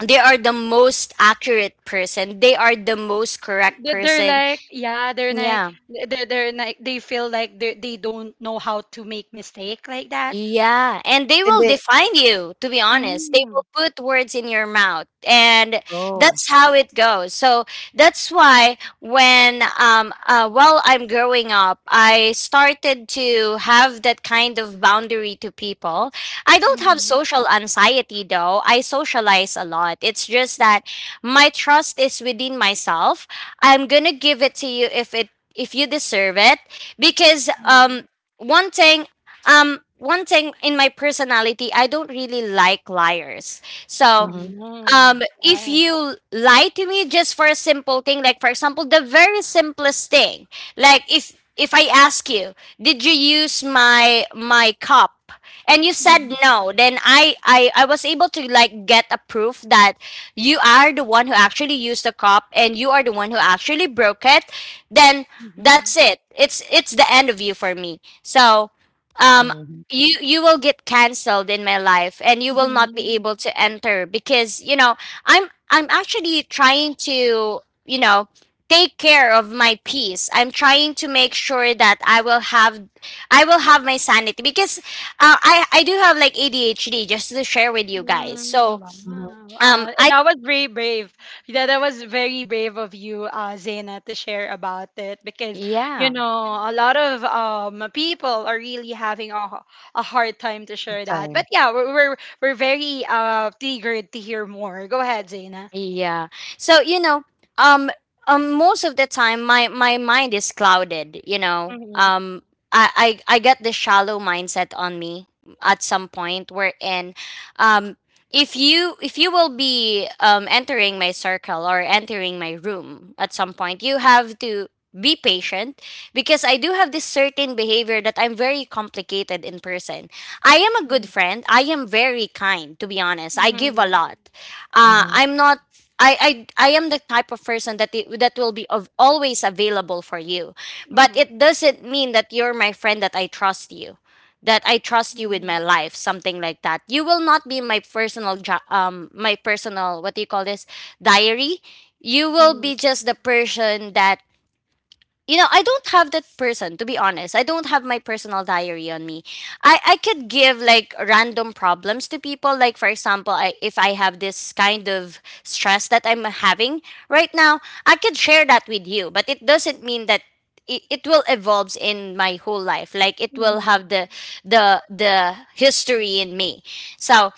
they are the most accurate person, they are the most correct
They're
person.
like, yeah, they're like,
Yeah.
they're like, they feel like they don't know how to make mistake, like that.
Yeah, and they
And
will
they,
define you, to be honest. They
Mm-hmm.
will put words in your mouth, and
oh.
that's how it goes. So that's why when while I'm growing up, I started to have that kind of boundary to people. I don't have
Mm-hmm.
social anxiety though. I socialize a lot. It's just that my trust is within myself. I'm going to give it to you if it if you deserve it, because
Mm-hmm.
one thing, one thing in my personality, I don't really like liars. So
Mm-hmm.
Oh,
if
yeah.
you lie to me just for a simple thing, like for example the very simplest thing, like if I ask you, did you use my cup, and you said
Mm-hmm.
no, then I was able to like get a proof that you are the one who actually used the cup and you are the one who actually broke it, then that's it. It's the end of you for me. So um
Mm-hmm.
you you will get cancelled in my life, and you will not be able to enter, because I'm actually trying to, you know, take care of my peace. I'm trying to make sure that I will have my sanity, because I do have like ADHD, just to share with you guys.
Mm,
So
Mm-hmm.
wow.
I
That was very brave. That was very brave of you, Zaina, to share about it because, you
yeah.
know, a lot of people are really having a hard time to share that. But
Time.
yeah, we're very eager to hear more. Go ahead, Zaina.
Yeah. So, you know, um, most of the time, my mind is clouded. You know,
Mm-hmm.
I get the shallow mindset on me at some point wherein, um, if you will be entering my circle or entering my room at some point, you have to be patient, because I do have this certain behavior that I'm very complicated in person. I am a good friend. I am very kind, to be honest. I give a
Mm-hmm.
lot.
Mm-hmm.
I'm not, I am the type of person that will be always available for you, but
Mm-hmm.
it doesn't mean that you're my friend that I trust you, that I trust you with my life, something like that. You will not be my personal my personal, what do you call this, diary. You will
Mm-hmm.
be just the person that, you know, I don't have that person, to be honest. I don't have my personal diary on me. I could give like random problems to people, like for example, if I have this kind of stress that I'm having right now, I could share that with you, but it doesn't mean that it will evolves in my whole life, like it will
Mm-hmm.
have the history in me. So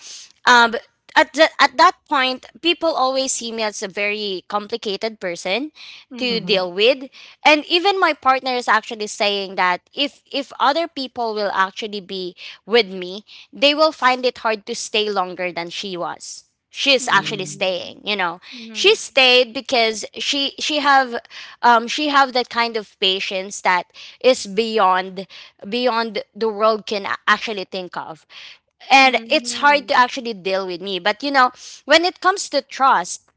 um at, at that point people always see me as a very complicated person to
Mm-hmm.
Mm-hmm.
deal with. And even my partner is actually saying that if other people will actually be with me, they will find it hard to stay longer than she's actually
Mm,
Mm-hmm.
staying, you know.
Mm-hmm.
She stayed because she have that kind of patience that is beyond, beyond the world can actually think of. And it's
Mm-hmm.
hard to actually deal with me, but you know, when it comes to trust,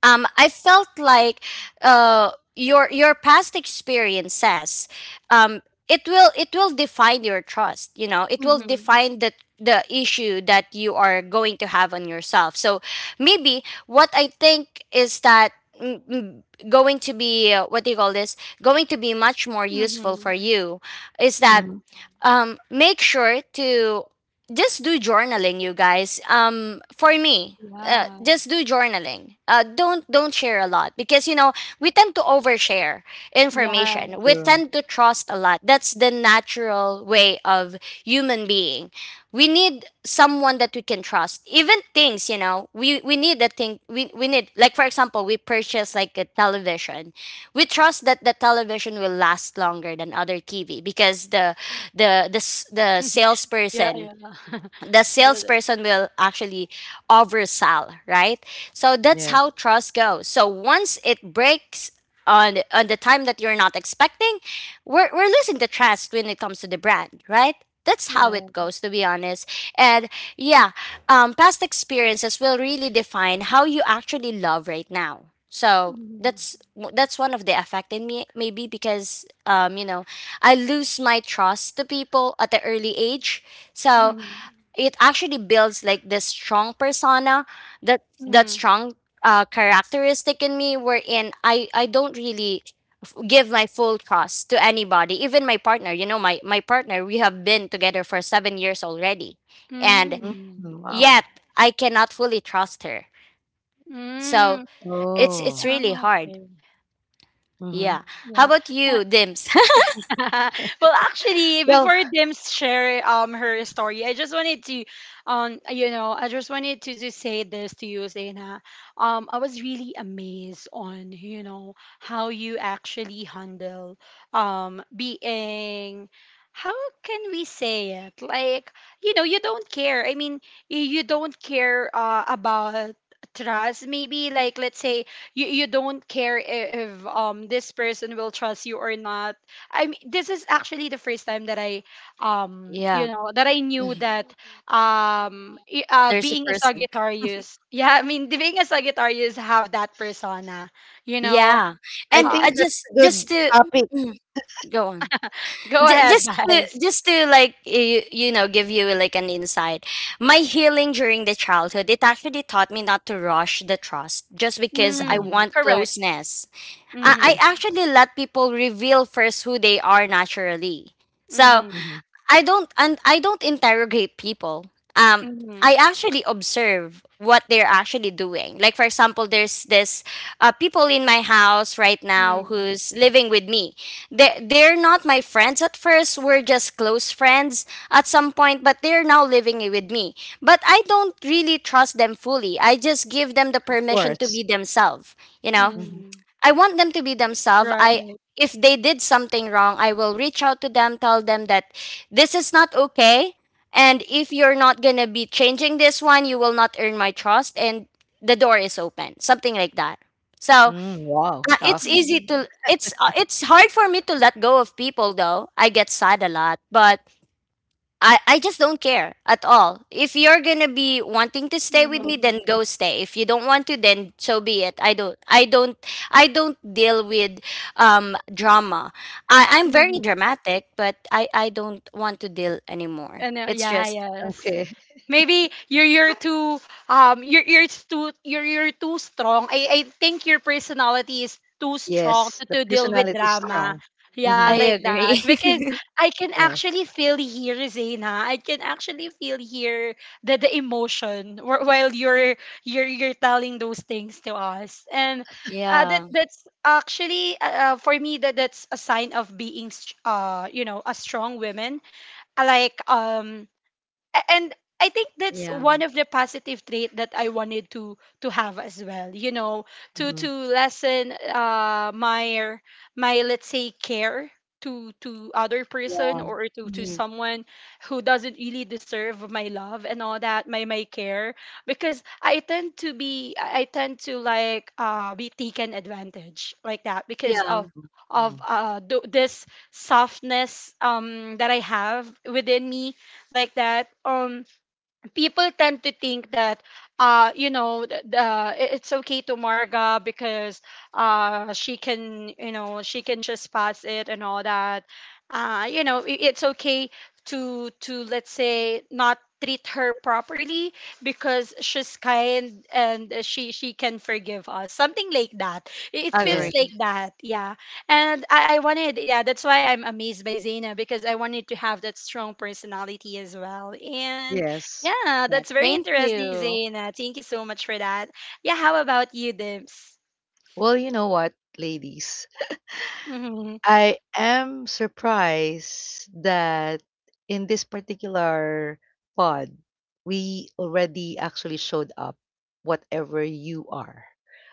I felt like your your past experiences, um, it will, it will define your trust. You know, it will
Mm-hmm.
define the issue that you are going to have on yourself. So maybe what I think is that, mm, mm, going to be, what do you call this, going to be much more useful
Mm-hmm.
for you is that,
mhm,
make sure to just do journaling, you guys. For me,
Yeah.
just do journaling. Don't share a lot, because you know, we tend to overshare information. We
Yes.
true.
tend to trust a lot. That's the natural way of human being. We need someone that we can trust. Even things, you know, we need a thing. We need, like for example, we purchase like a television. We trust that the television will last longer than other TV, because the
Yeah,
salesperson,
yeah.
the
The-
salesperson will actually oversell, right? So that's
Yes.
how trust goes. So once it breaks on the time that you're not expecting, we're losing the trust when it comes to the brand, right? That's how it goes, to
yes.
be honest. And yeah, past experiences will really define how you actually love right now. So
Mm.
that's one of the effect in me, maybe because, you know, I lose my trust to people at the early age. So
Mm.
it actually builds like this strong persona, that
Mm.
strong characteristic in me, wherein I don't really give my full trust to anybody, even my partner. You know, my partner, we have been together for 7 years already, and
Mm.
Mhm,
yet
wow.
I cannot fully trust her. So
Mm. Eh,
it's
eh,
it's
Oh,
really
ah,
hard.
okay.
mhm.
Yeah, how
Yeah.
about you, Dims?
Well, actually,
Well,
before Dim share her story, I just wanted to, you know, I just wanted to say this to you, Zaina. I was really amazed on how you actually handle being. How can we say it? Like, you know, you don't care. I mean, you don't care about trust. Maybe like let's say you don't care if this person will trust you or not. I mean, this is actually the first time that
yeah.
I
Mhm.
knew that,
There's a
being a
person.
Sagittarius, yeah, I mean, being a Sagittarius have that persona, you know.
Yeah.
I
And
Ha,
uh,
think that's
just
a
just
good
to
topic.
mm, go on.
go
Ju-
ahead, guys.
just to like, you know, give you like an insight, my healing during the childhood, it actually taught me not to rush the trust just because I
Mhm,
Mm,
want
correct.
closeness. I
Mm-hmm.
okay.
actually let people reveal first who they are naturally. So
Mm-hmm.
Mhm,
I don't, and I don't interrogate people. Um,
Mm-hmm.
I actually observe what they're actually doing. Like for example, there's this people in my house right now
Mm-hmm.
who's living with me. They're not my friends at first. We're just close friends at some point, but they're now living with me. But I don't really trust them fully. I just give them the
of
permission to
course.
be themselves. You know,
Mhm.
Mm-hmm.
I want them to be themselves. I
Right.
if they did something wrong, I will reach out to them, tell them that this is not okay. And if you're not gonna be changing this one, you will not earn my trust, and the door is open. Something like that. So
Mm, wow,
it's
tough.
easy
Mm-hmm.
to it's, it's hard for me to let go of people though. I get sad a lot, but I just don't care at all. If you're gonna be wanting to stay with me, then go stay. If you don't want to, then so be it. I don't, I don't deal with drama. I'm very
Mm-hmm.
dramatic, but I don't want to deal anymore.
And
It's
yeah,
just,
yes.
Okay.
Maybe you're too you're too you're too strong. I think your personality is too strong
Yes, the
to deal with
personality is
drama.
strong.
Yeah,
I
Mhm,
like that. Because
agree.
I can
yes.
actually feel here, Zena. I can actually feel here the emotion while you're telling those things to us. And that
yeah,
that's actually for me that that's a sign of being you know a strong woman. Like and I think that's
yeah.
one of the positive trait that I wanted to have as well. You know, to
Mhm,
lessen my my let's say care to other person or to
Mhm.
someone who doesn't really deserve my love and all that my care because I tend to be I tend to like be taken advantage like that because
Yeah,
mhm.
of this softness that I have within me like that. People tend to think that you know it's okay to Marga because she can you know she can just pass it and all that you know it's okay to let's say not treat her properly because she's kind and she can forgive us something like that. It feels
Yes,
like
agree.
that, yeah. And I wanted, yeah, that's why I'm amazed by Zaina because I wanted to have that strong personality as well. And
yes.
yeah,
Yeah.
that's very
Thank
interesting,
you.
Zaina. Thank you so much for that. Yeah, how about you, Dibs?
Well, you know what, ladies?
Mm-hmm.
I am surprised that in this particular pod, we already actually showed up, whatever you are.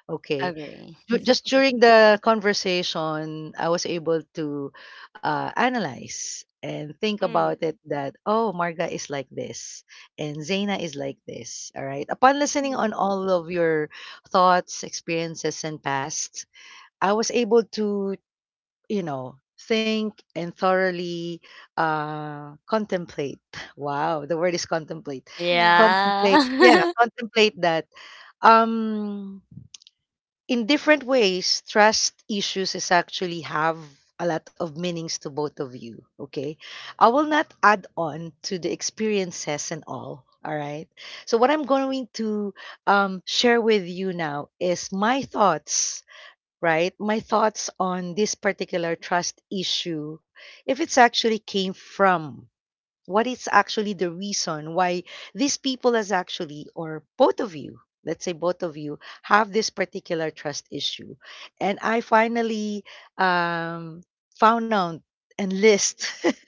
Okay.
Agree.
Just during the conversation, I was able to analyze and think about
Mm-hmm.
it that, oh, Marga is like this and Zaina is like this. All right. Upon listening on
Mm-hmm.
all of your thoughts, experiences, and past, I was able to, think and thoroughly contemplate. Wow, the word is contemplate. Contemplate, yeah,
Yeah.
contemplate that. Um, in different ways, trust issues is actually have a lot of meanings to both of you. Okay, I will not add on to the experiences and all. All right. So what I'm going to, share with you now is my thoughts, right? My thoughts on this particular trust issue, if it's actually came from, what is actually the reason why these people has actually, or both of you, let's say, both of you have this particular trust issue, and I finally, um, found out and list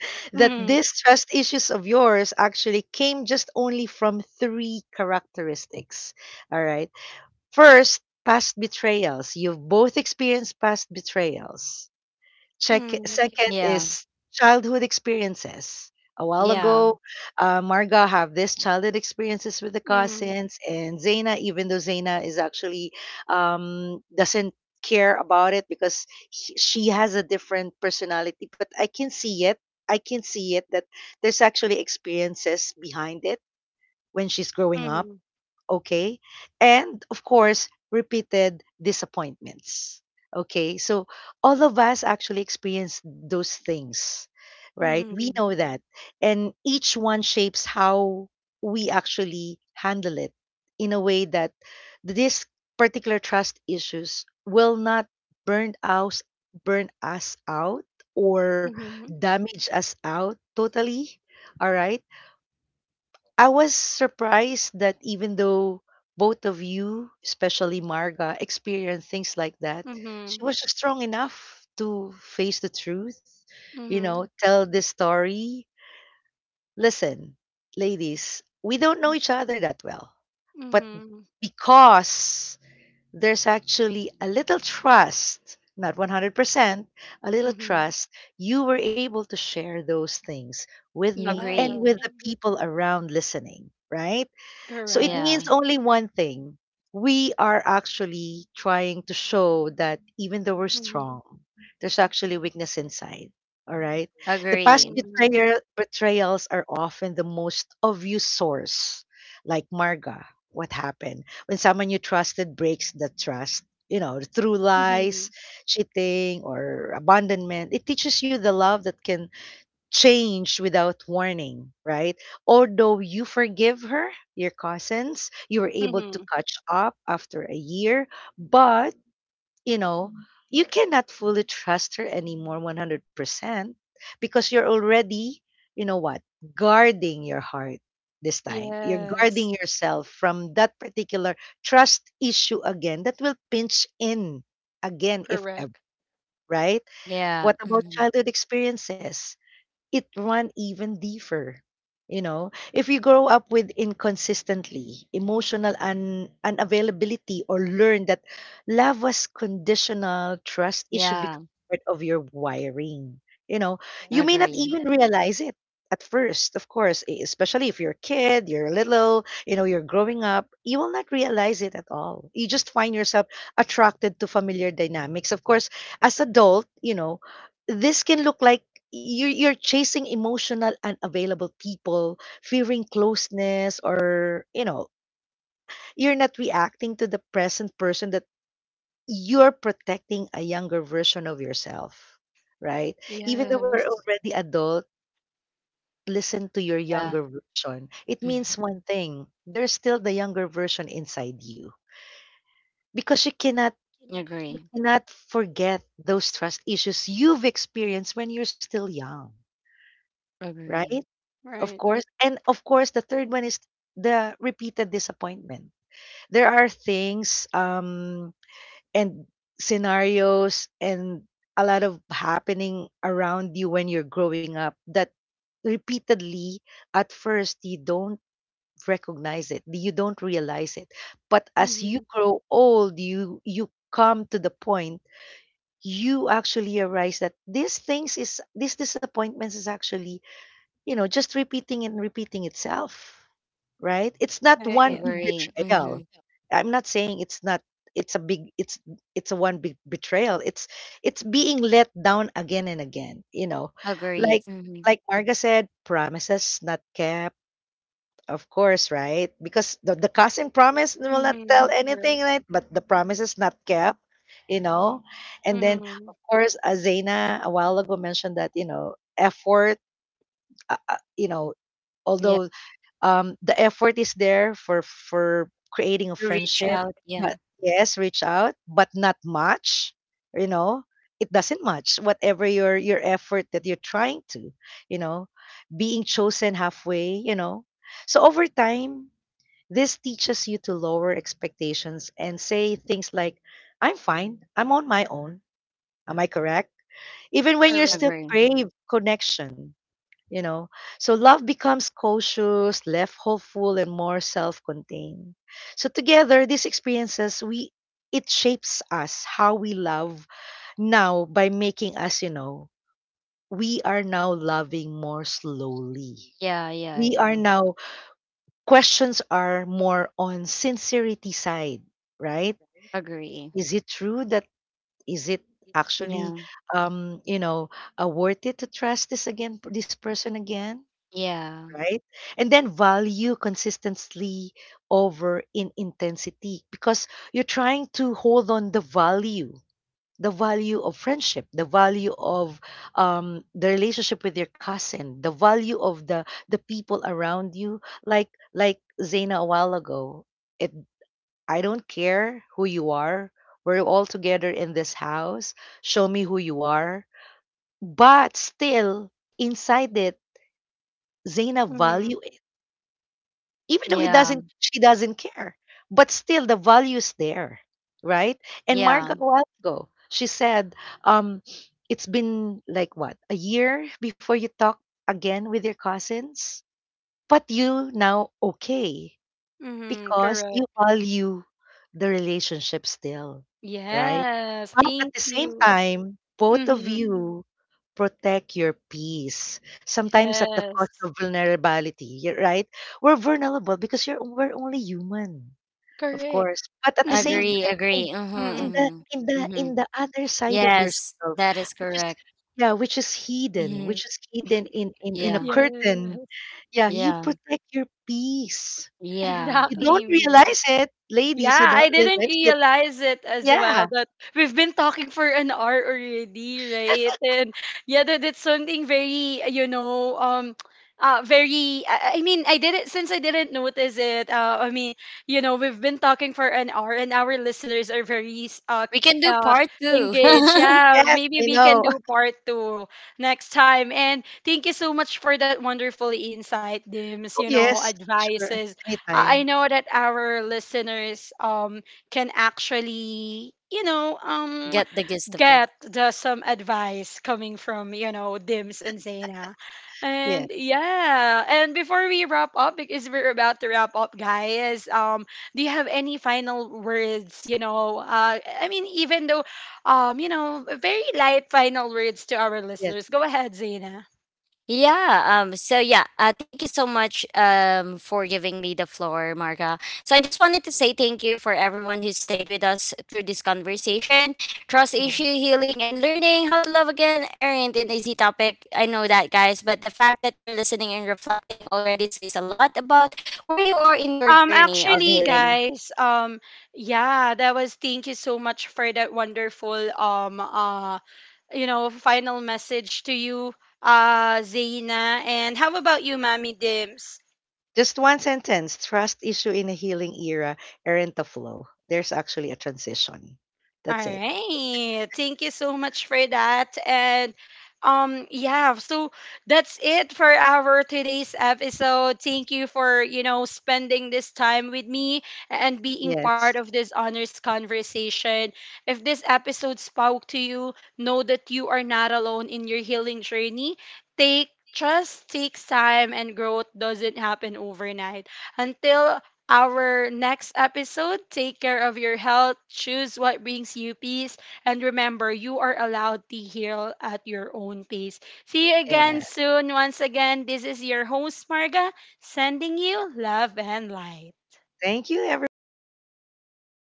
that
Mm-hmm.
these trust issues of yours actually came just only from three characteristics, all right? First, past betrayals. You've both experienced past betrayals. Check,
Mm-hmm.
second
yeah.
is childhood experiences. A while
Yeah.
ago, Marga have this childhood experiences with the
Mm-hmm.
cousins, and Zaina, even though Zaina is actually, doesn't care about it because she has a different personality, but I can see it. I can see it that there's actually experiences behind it when she's growing up,
Mm-hmm.
okay, and of course repeated disappointments. Okay, so all of us actually experience those things, right? We know that, and each one shapes how we actually handle it in a way that this particular trust issues will not burn us burn us out or
Mm-hmm.
damage us out totally, all right? I was surprised that even though both of you, especially Marga, experienced things like that, she
Mm-hmm.
was strong enough to face the truth, tell the story. Listen, ladies, we don't know each other that well, but
Mm-hmm.
because there's actually a little trust, not 100%, a little
Mm-hmm.
trust, you were able to share those things with me and
Agree.
with
Yeah,
the people around listening, right? So it
correct.
Yeah.
means only one thing. We are actually trying to show that even though we're strong,
Mm-hmm.
there's actually weakness inside. All right. The past
Agree.
Mm-hmm.
betrayals are often the most obvious source, like Marga. What happened when someone you trusted breaks the trust? You know, through lies,
Mm-hmm.
cheating, or abandonment, it teaches you the love that can changed without warning, right? Although you forgive her, your cousins, you were able to
Mm-hmm.
catch up after a year, but you know, you cannot fully trust her anymore 100% because you're already, you know what, guarding your heart this time. You're guarding
Yes,
yourself from that particular trust issue again that will pinch in again if ever,
correct.
right?
Yeah.
What about
Mhm.
childhood experiences? It run even deeper. You know, if you grow up with inconsistently emotional unavailability or learn that love was conditional, trust issue
Yeah.
becomes part of your wiring. You know,
So,
you
I
may not
agree. Mean,
even
at
realize it at first, of course, especially if you're a kid, you're little, you know, you're growing up, you will not realize it at all. You just find yourself attracted to familiar dynamics. Of course, as adult, you know, this can look like you're chasing emotional unavailable people fearing closeness or you know you're not reacting to the present person, that you're protecting a younger version of yourself, right? Even though we're
Yes,
already adult, listen to your
the yeah.
younger version. It
Mhm,
means one thing, there's still the younger version inside you, because
you know,
you
agree.
cannot forget those trust issues you've experienced when you're still young,
Agree.
right? Of
right.
course. And of course, the third one is the repeated disappointment. There are things and scenarios and a lot of happening around you when you're growing up that repeatedly at first you don't recognize it, you don't realize it, but as you
Mm-hmm.
grow old you come to the point you actually arise that these disappointments is actually, you know, just repeating and repeating itself. Right? It's not one big
Agree. Least. Hmm.
betrayal. I'm not saying it's not it's a big it's a one big betrayal. It's being let down again and again, you know.
Agree.
Like
Just. Hmm.
like Marga said, promises not kept. Of course, right? Because the cousin promise will not
Mm-hmm.
tell
Correct.
anything, right? But the promise is not kept, you know. And then,
Mm-hmm.
of course, Zaina a while ago mentioned that, you know, effort, you know,
Yeah.
although the effort is there for creating a
To reach
friendship,
out. Yeah.
but yes, reach out, but not much. You know, it doesn't match whatever your effort that you're trying to. You know, being chosen halfway. You know, so over time, this teaches you to lower expectations and say things like, "I'm fine. I'm on my own." Am I correct? Even when you're
Correct.
still
Agree.
crave connection, you know, so love becomes cautious, left hopeful and more self-contained. So together these experiences, we it shapes us how we love now, by making us, you know, we are now loving more slowly.
Yeah. Yeah.
We
Yeah.
are now, questions are more on sincerity side, right?
Agree.
Is it true that, is it actually,
Yeah.
you know, worth it to trust this again, this person again,
Yeah.
right? And then value consistently over in intensity, because you're trying to hold on the value of friendship, the value of, the relationship with your cousin, the value of the people around you. Like Zaina a while ago, it I don't care who you are. We're all together in this house. Show me who you are. But still, inside it, Zaina
Mm-hmm.
value, even though he
Yeah.
doesn't she doesn't care, but still the value is there, right? And
Yeah.
Margot a while ago she said, um it's been like what, a year before you talk again with your cousins, but you now okay,
Mm-hmm,
because you
correct.
value the relationship still, right?
Yes,
But at
thank
the same
you.
time, both of
Mm-hmm,
you protect your peace. Sometimes at the cost
yes,
of vulnerability, right? We're vulnerable because you're we're only human, of
correct.
course. But at the same
Mm-hmm,
Agree.
time,
Agree. Mm-hmm.
mm-hmm,
Mm-hmm.
in
Mm-hmm.
the other side of
Yes.
yourself,
That is
which is,
correct.
yeah,
Mm-hmm.
which is hidden in a
Yeah.
curtain.
yes,
Yeah, you
Yeah.
protect your peace,
Yeah.
you don't
exactly me.
realize it,
Yeah,
ladies. You
I
don't
didn't
realize it.
realize it as well
Yeah.
that we've been talking for an hour already, right? And yeah, that, that's something very, you know, very. I mean, I did it since I didn't notice it. I mean, you know, we've been talking for an hour, and our listeners are very
We can do part two.
engaged. Yeah,
Yes,
maybe
I
we can
know.
do part two next time. And thank you so much for that wonderful insight, Dims. You know,
Yes, sure.
advices. I
Anytime.
know that our listeners can actually you know
Get the gist of it.
get the some advice coming from you know Dims and Zaina.
Yes,
And yeah, and before we wrap up because we're about to wrap up, guys. Do you have any final words, you know, I mean even though you know very light final words to our listeners.
yes.
Go ahead, Zaina.
Yeah, so yeah, thank you so much for giving me the floor, Marga. So I just wanted to say thank you for everyone who stayed with us through this conversation. Trust
Uh-huh.
issue healing and learning how to love again aren't an easy topic. I know that, guys, but the fact that you're listening and reflecting already says a lot about where you are in your journey of
Actually,
healing.
guys, yeah, that was thank you so much for that wonderful, um, uh, you know, final message to you, Zaina. And how about you, Mommy Dims?
Just one sentence. Trust issue in a healing era aren't a flow. There's actually a transition.
All
That's it.
right. Thank you so much for that. And yeah, so that's it for our today's episode. Thank you for, you know, spending this time with me and being part
Yes.
of this honest conversation. If this episode spoke to you, know that you are not alone in your healing journey. Take trust, takes time and growth doesn't happen overnight. Until our next episode. Take care of your health, choose what brings you peace, and remember, you are allowed to heal at your own pace. See you
Yeah.
again soon. Once again, this is your host, Marga, sending you love and light.
Thank you, everyone. Bye.